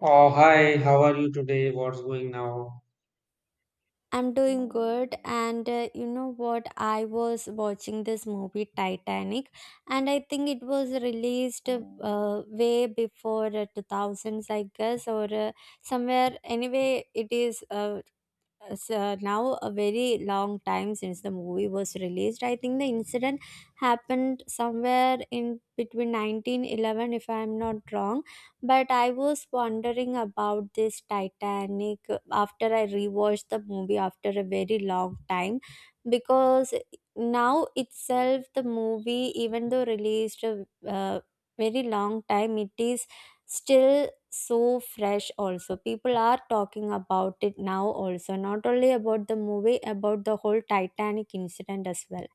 Oh, hi, how are you today? What's going now? I'm doing good, and you know what? I was watching this movie Titanic, and I think it was released way before 2000s, I guess, or somewhere. Anyway, it is. So now a very long time since the movie was released. I think the incident happened somewhere in between 1911, if I'm not wrong. But I was wondering about this Titanic after I rewatched the movie after a very long time because now itself, the movie, even though released a very long time, it is still so fresh also people are talking about it now also not only about the movie about the whole titanic incident as well.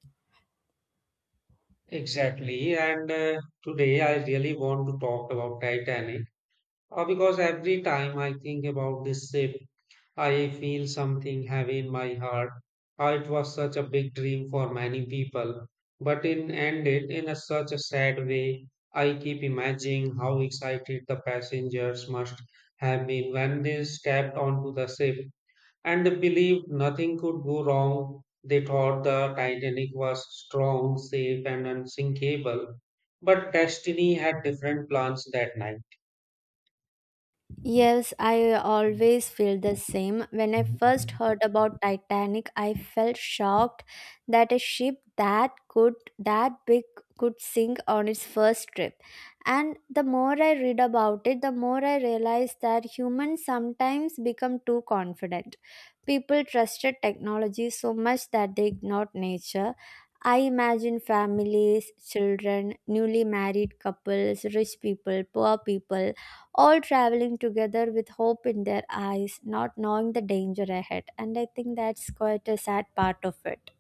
Exactly. And Today I really want to talk about Titanic because every time I think about this ship, I feel something heavy in my heart. It was such a big dream for many people, but in ended in a, such a sad way. I keep imagining how excited the passengers must have been when they stepped onto the ship. And believed nothing could go wrong. They thought the Titanic was strong, safe, and unsinkable, but Destiny had different plans that night. Yes, I always feel the same. When I first heard about Titanic, I felt shocked that a ship that could that big could sink on its first trip. And the more I read about it, the more I realized that humans sometimes become too confident. People trusted technology so much that they ignored nature. I imagine families, children, newly married couples, rich people, poor people all traveling together with hope in their eyes, not knowing the danger ahead. And I think that's quite a sad part of it.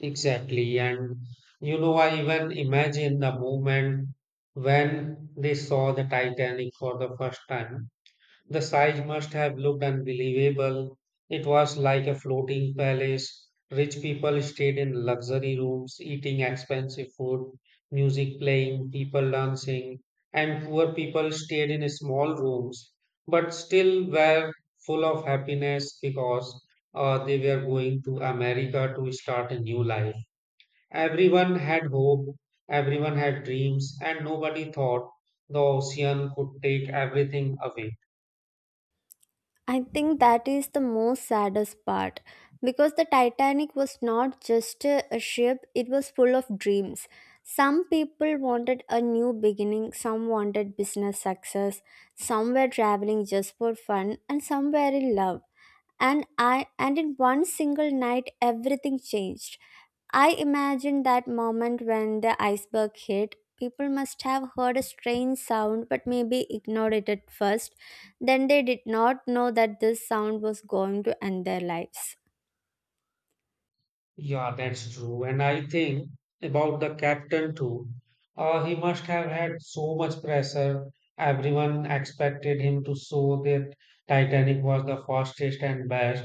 Exactly, and you know, I even imagine the moment when they saw the Titanic for the first time. The size must have looked unbelievable. It was like a floating palace. Rich people stayed in luxury rooms, eating expensive food, music playing, people dancing, and poor people stayed in small rooms, but still were full of happiness because they were going to America to start a new life. Everyone had hope, everyone had dreams, and nobody thought the ocean could take everything away. I think that is the most saddest part because the Titanic was not just a ship, it was full of dreams. Some people wanted a new beginning, some wanted business success, some were traveling just for fun, and some were in love. And in one single night everything changed. I imagine that moment when the iceberg hit. People must have heard a strange sound but maybe ignored it at first. Then they did not know that this sound was going to end their lives. Yeah, that's true. And I think about the captain too. He must have had so much pressure. Everyone expected him to show that Titanic was the fastest and best.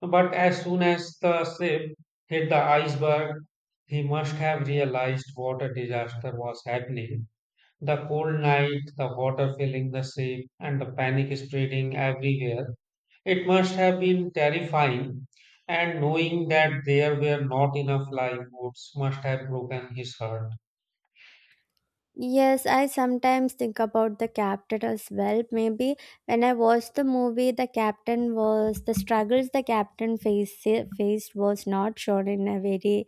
But as soon as the ship hit the iceberg, he must have realized what a disaster was happening. The cold night, the water filling the ship, and the panic spreading everywhere. It must have been terrifying, and knowing that there were not enough lifeboats must have broken his heart. Yes, I sometimes think about the captain as well. Maybe when I watched the movie, the captain faced was not shown in a very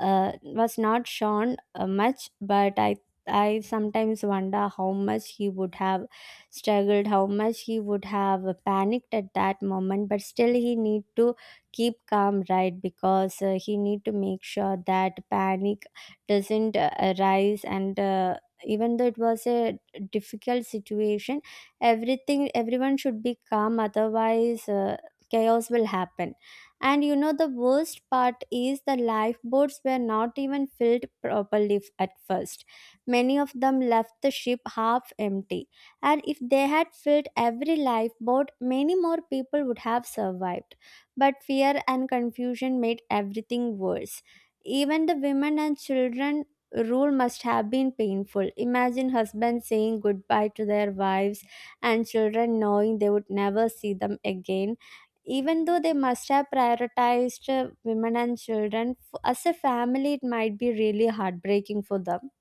was not shown much, but I sometimes wonder how much he would have struggled, how much he would have panicked at that moment. But still, he need to keep calm, right? Because he need to make sure that panic doesn't arise. And even though it was a difficult situation, everything everyone should be calm. Otherwise, chaos will happen. And you know, the worst part is the lifeboats were not even filled properly at first. Many of them left the ship half empty. And if they had filled every lifeboat, many more people would have survived. But fear and confusion made everything worse. Even the women and children rule must have been painful. Imagine husbands saying goodbye to their wives and children knowing they would never see them again even though they must have prioritized women and children as a family it might be really heartbreaking for them.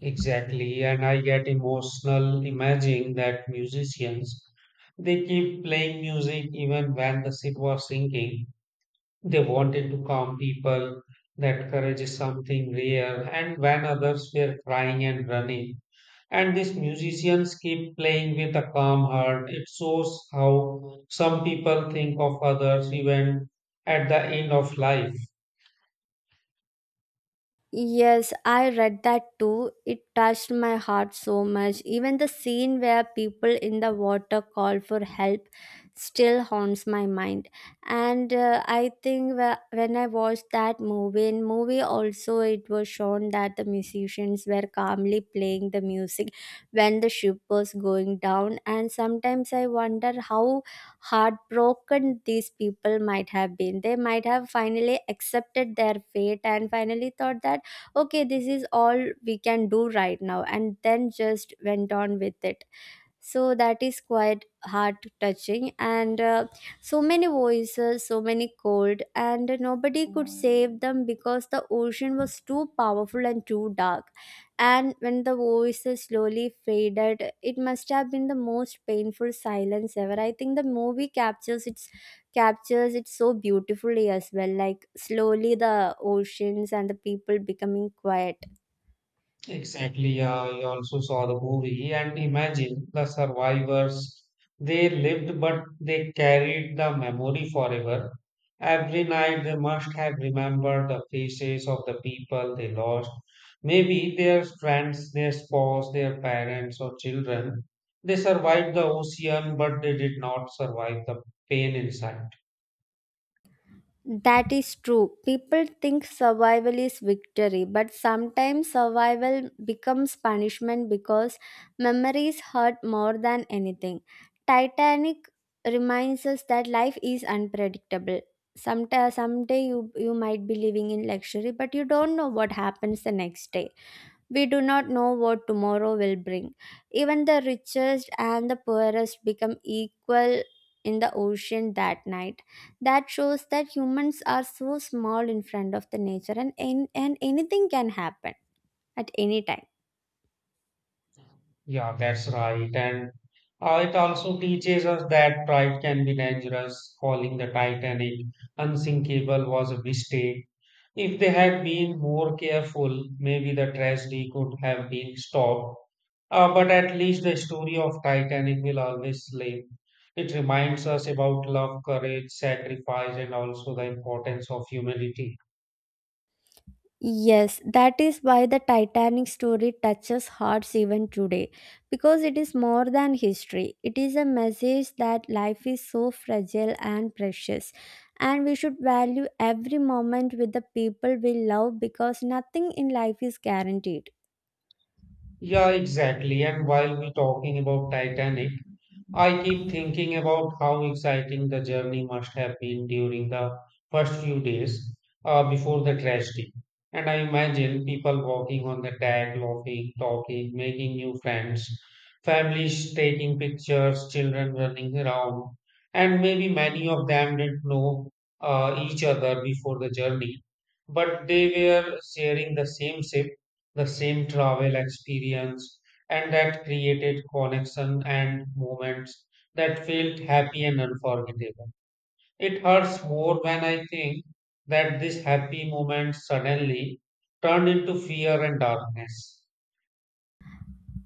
Exactly, and I get emotional imagining that musicians they keep playing music even when the ship was sinking. They wanted to calm people. That courage is something rare, and when others were crying and running, and these musicians keep playing with a calm heart. It shows how some people think of others even at the end of life. Yes, I read that too. It touched my heart so much. Even the scene where people in the water call for help still haunts my mind. And I think when I watched that movie, in movie also it was shown that the musicians were calmly playing the music when the ship was going down. And sometimes I wonder how heartbroken these people might have been. They might have finally accepted their fate and finally thought that okay this is all we can do right now and then just went on with it, so that is quite heart touching and so many voices so many cold and nobody could save them because the ocean was too powerful and too dark and when the voices slowly faded it must have been the most painful silence ever. I think the movie captures it so beautifully as well, like slowly the oceans and the people becoming quiet. Exactly. I also saw the movie and imagine the survivors. They lived, but they carried the memory forever. Every night they must have remembered the faces of the people they lost. Maybe their friends, their spouse, their parents, or children. They survived the ocean, but they did not survive the pain inside. That is true. People think survival is victory, but sometimes survival becomes punishment because memories hurt more than anything. Titanic reminds us that life is unpredictable. Sometime, someday you might be living in luxury, but you don't know what happens the next day. We do not know what tomorrow will bring. Even the richest and the poorest become equal in the ocean that night. That shows that humans are so small in front of the nature and, and anything can happen at any time. Yeah, that's right. And it also teaches us that pride can be dangerous. Calling the Titanic unsinkable was a mistake. If they had been more careful, maybe the tragedy could have been stopped. But at least the story of Titanic will always live. It reminds us about love, courage, sacrifice, and also the importance of humility. Yes, that is why the Titanic story touches hearts even today because it is more than history. It is a message that life is so fragile and precious, and we should value every moment with the people we love because nothing in life is guaranteed. Yeah, exactly. And while we're talking about Titanic, I keep thinking about how exciting the journey must have been during the first few days before the tragedy. And I imagine people walking on the tag, laughing, talking, making new friends, families taking pictures, children running around, and maybe many of them didn't know each other before the journey, but they were sharing the same ship, the same travel experience and that created connection and moments that felt happy and unforgettable. It hurts more when I think that this happy moment suddenly turned into fear and darkness.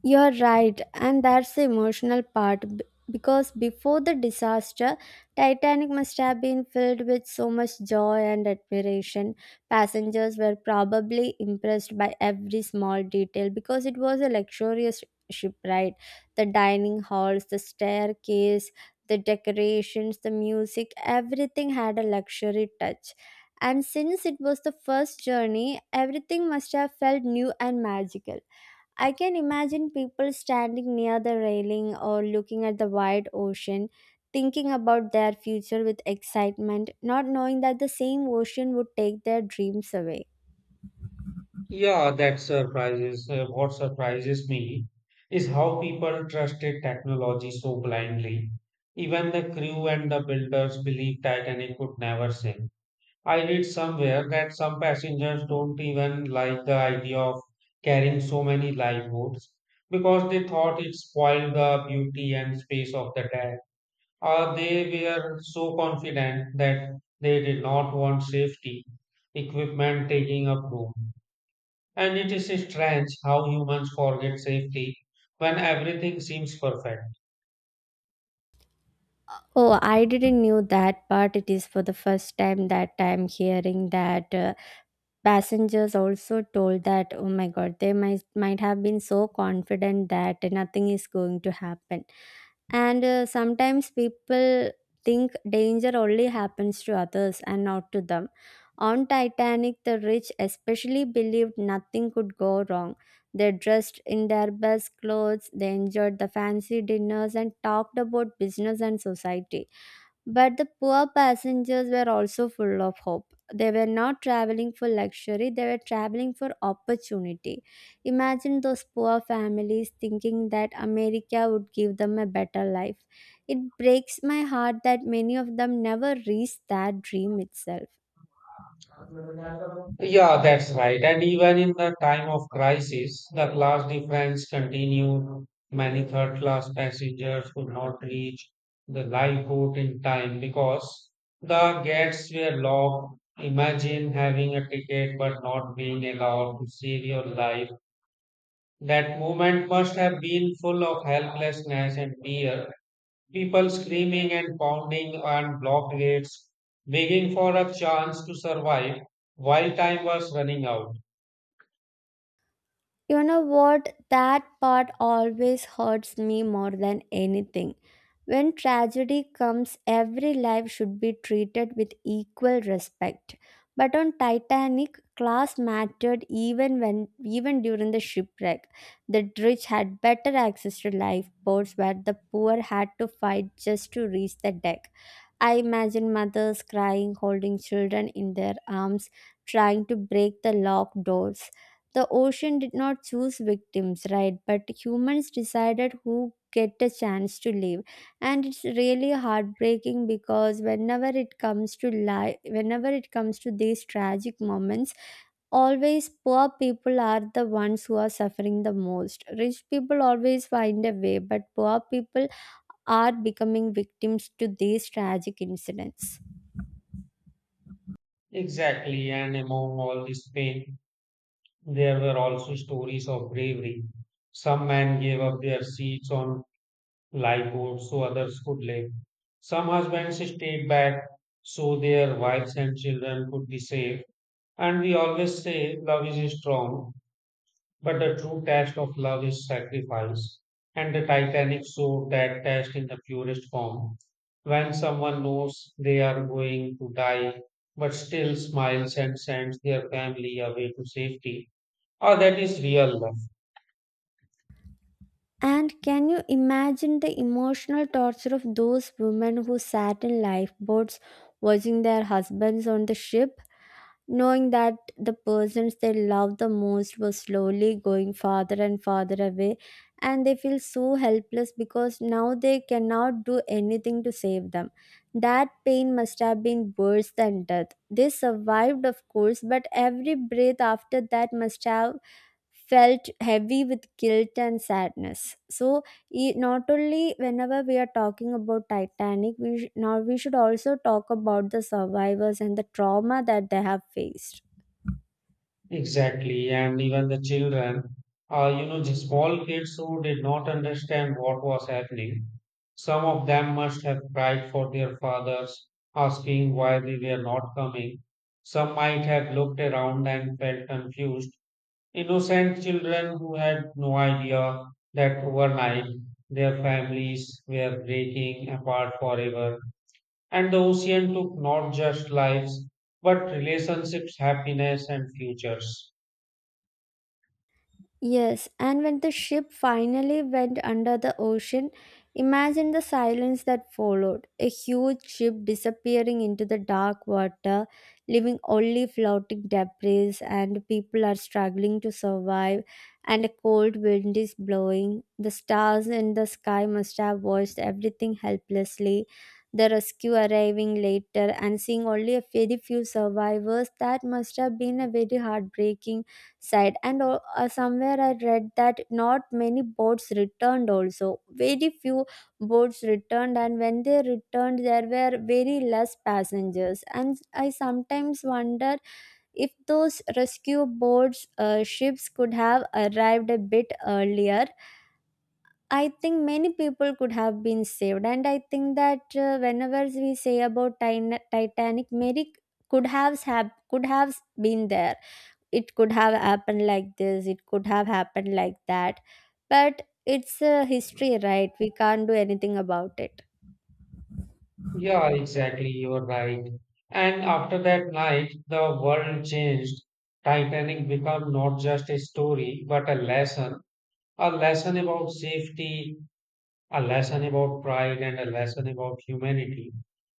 You're right, and that's the emotional part because before the disaster, Titanic must have been filled with so much joy and admiration. Passengers were probably impressed by every small detail because it was a luxurious ship, right? The dining halls, the staircase, the decorations, the music, everything had a luxury touch. And since it was the first journey, everything must have felt new and magical. I can imagine people standing near the railing or looking at the wide ocean, thinking about their future with excitement, not knowing that the same ocean would take their dreams away. Yeah, that surprises. What surprises me is how people trusted technology so blindly. Even the crew and the builders believed Titanic could never sink. I read somewhere that some passengers don't even like the idea of carrying so many lifeboats because they thought it spoiled the beauty and space of the deck. Or they were so confident that they did not want safety equipment taking up room. And it is strange how humans forget safety when everything seems perfect. Oh, I didn't knew that part. It is for the first time that I'm hearing that passengers also told that oh my god, they might have been so confident that nothing is going to happen. And sometimes people think danger only happens to others and not to them. On Titanic, the rich especially believed nothing could go wrong. They dressed in their best clothes, they enjoyed the fancy dinners, and talked about business and society. But the poor passengers were also full of hope. They were not traveling for luxury, they were traveling for opportunity. Imagine those poor families thinking that America would give them a better life. It breaks my heart that many of them never reached that dream itself. Yeah, that's right. And even in the time of crisis, the class difference continued. Many third class passengers could not reach the lifeboat in time because the gates were locked. Imagine having a ticket but not being allowed to save your life. That moment must have been full of helplessness and fear. People screaming and pounding on blocked gates, begging for a chance to survive while time was running out. You know what? That part always hurts me more than anything. When tragedy comes, every life should be treated with equal respect. But on Titanic, class mattered even during the shipwreck. The rich had better access to lifeboats where the poor had to fight just to reach the deck. I imagine mothers crying, holding children in their arms, trying to break the locked doors. The ocean did not choose victims, right? But humans decided who get a chance to live. And it's really heartbreaking because whenever it comes to life, whenever it comes to these tragic moments, always poor people are the ones who are suffering the most. Rich people always find a way, but poor people are becoming victims to these tragic incidents. Exactly, and among all this pain, there were also stories of bravery. Some men gave up their seats on lifeboats so others could live. Some husbands stayed back so their wives and children could be safe. And we always say love is strong, but the true test of love is sacrifice, and the Titanic showed that test in the purest form. When someone knows they are going to die, but still smiles and sends their family away to safety, ah, that is real love. And can you imagine the emotional torture of those women who sat in lifeboats watching their husbands on the ship, knowing that the persons they loved the most were slowly going farther and farther away, and they feel so helpless because now they cannot do anything to save them? That pain must have been worse than death. They survived, of course, but every breath after that must have felt heavy with guilt and sadness, so not only whenever we are talking about titanic now we should also talk about the survivors and the trauma that they have faced. Exactly, and even the children, you know, the small kids who did not understand what was happening. Some of them must have cried for their fathers, asking why they were not coming. Some might have looked around and felt confused. Innocent children who had no idea that overnight their families were breaking apart forever. And the ocean took not just lives, but relationships, happiness, and futures. Yes, and when the ship finally went under the ocean, imagine the silence that followed. A huge ship disappearing into the dark water, leaving only floating debris, and people are struggling to survive, and a cold wind is blowing. The stars in the sky must have watched everything helplessly. The rescue arriving later and seeing only a very few survivors, that must have been a very heartbreaking side and somewhere I read that not many boats returned also very few boats returned and when they returned there were very less passengers and I sometimes wonder if those rescue boats ships could have arrived a bit earlier. I think many people could have been saved and I think that whenever we say about titanic mary could have been there, it could have happened like this it could have happened like that but it's a history right, we can't do anything about it. Yeah, exactly. You're right. And after that night, the world changed. Titanic became not just a story, but a lesson about safety, a lesson about pride, and a lesson about humanity.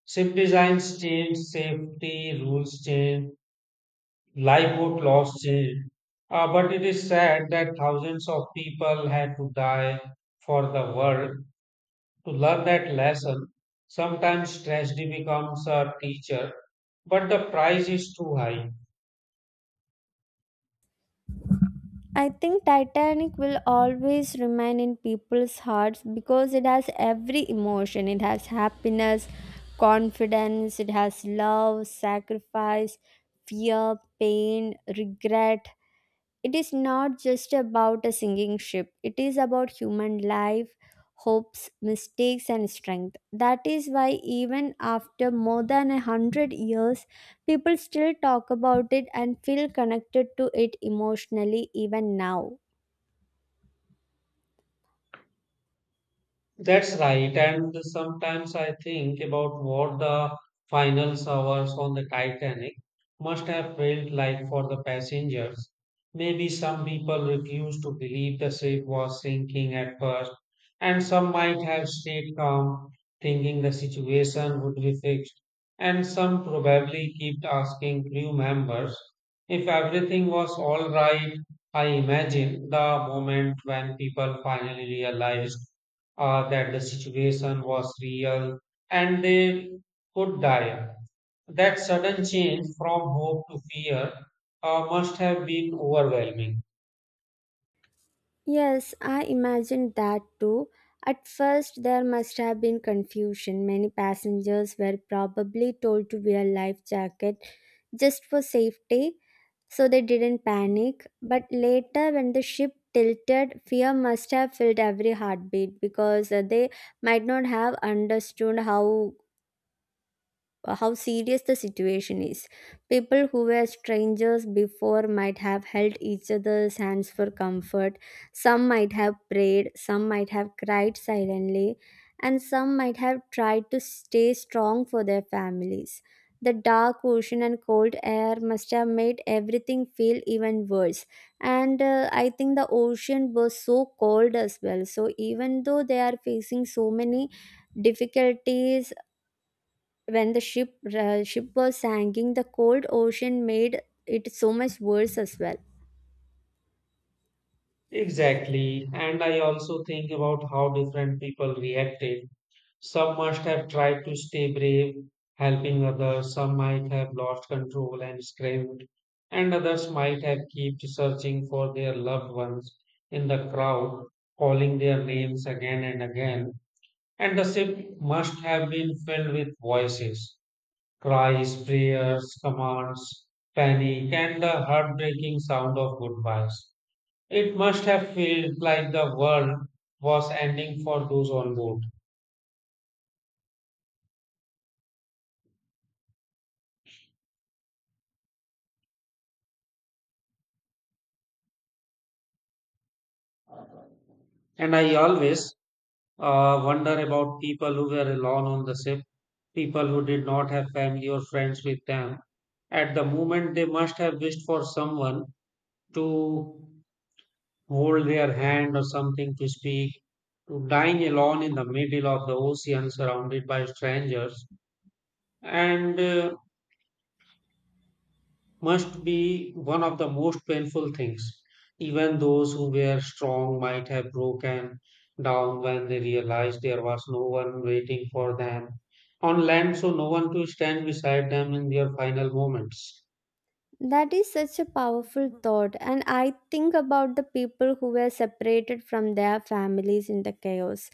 Ship designs changed, safety rules changed, lifeboat laws changed. But it is sad that thousands of people had to die for the world to learn that lesson, sometimes tragedy becomes a teacher, but the price is too high. I think titanic will always remain in people's hearts because it has every emotion, it has happiness, confidence, it has love, sacrifice, fear, pain, regret. It is not just about a singing ship, it is about human life, hopes, mistakes and strength. That is why even after more than 100 years people still talk about it and feel connected to it emotionally even now. That's right. And sometimes I think about what the final hours on the Titanic must have felt like for the passengers. Maybe some people refused to believe the ship was sinking at first, and some might have stayed calm, thinking the situation would be fixed. And some probably kept asking crew members if everything was all right. I imagine the moment when people finally realized that the situation was real and they could die. That sudden change from hope to fear must have been overwhelming. Yes, I imagined that too. At first there must have been confusion, many passengers were probably told to wear life jacket just for safety. So they didn't panic. But later, when the ship tilted, fear must have filled every heartbeat because they might not have understood how serious the situation is. People who were strangers before might have held each other's hands for comfort, some might have prayed, some might have cried silently, and some might have tried to stay strong for their families. The dark ocean and cold air must have made everything feel even worse. And I think the ocean was so cold as well. So, even though they are facing so many difficulties when the ship was sinking, the cold ocean made it so much worse as well. Exactly. And I also think about how different people reacted. Some must have tried to stay brave, helping others. Some might have lost control and screamed. And others might have kept searching for their loved ones in the crowd, calling their names again and again. And the ship must have been filled with voices, cries, prayers, commands, panic, and the heartbreaking sound of goodbyes. It must have felt like the world was ending for those on board. And I always wonder about people who were alone on the ship, people who did not have family or friends with them. At the moment, they must have wished for someone to hold their hand or something to speak, to dying alone in the middle of the ocean surrounded by strangers, and must be one of the most painful things. Even those who were strong might have broken down when they realized there was no one waiting for them on land, so no one to stand beside them in their final moments. That is such a powerful thought and I think about the people who were separated from their families in the chaos,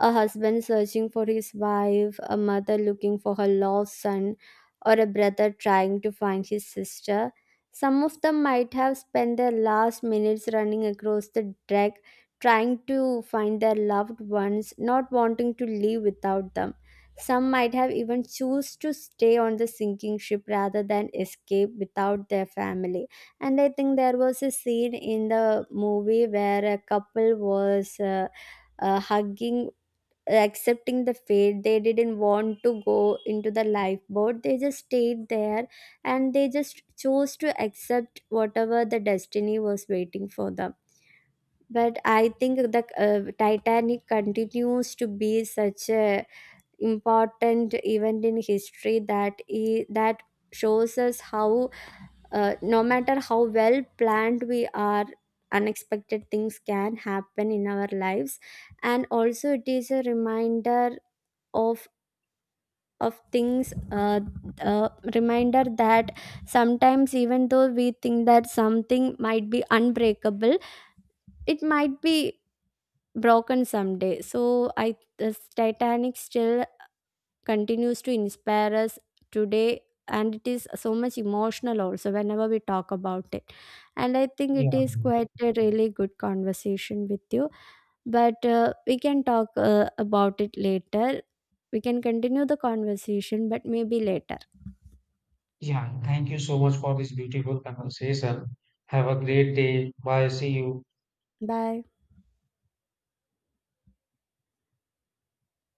a husband searching for his wife, a mother looking for her lost son, or a brother trying to find his sister. Some of them might have spent their last minutes running across the deck trying to find their loved ones, not wanting to leave without them. Some might have even choose to stay on the sinking ship rather than escape without their family. And I think there was a scene in the movie where a couple was hugging, accepting the fate, they didn't want to go into the lifeboat, they just stayed there and they just chose to accept whatever the destiny was waiting for them. But I think the titanic continues to be such a important event in history that shows us how no matter how well planned we are unexpected things can happen in our lives. And also it is a reminder of of things uh, reminder that sometimes even though we think that something might be unbreakable it might be broken someday. So I this titanic still continues to inspire us today, and it is so much emotional also whenever we talk about it. And I think Yeah, it is quite a really good conversation with you, but we can talk about it later, we can continue the conversation but maybe later. yeah. Thank you so much for this beautiful conversation. Have a great day. Bye. See you. Bye.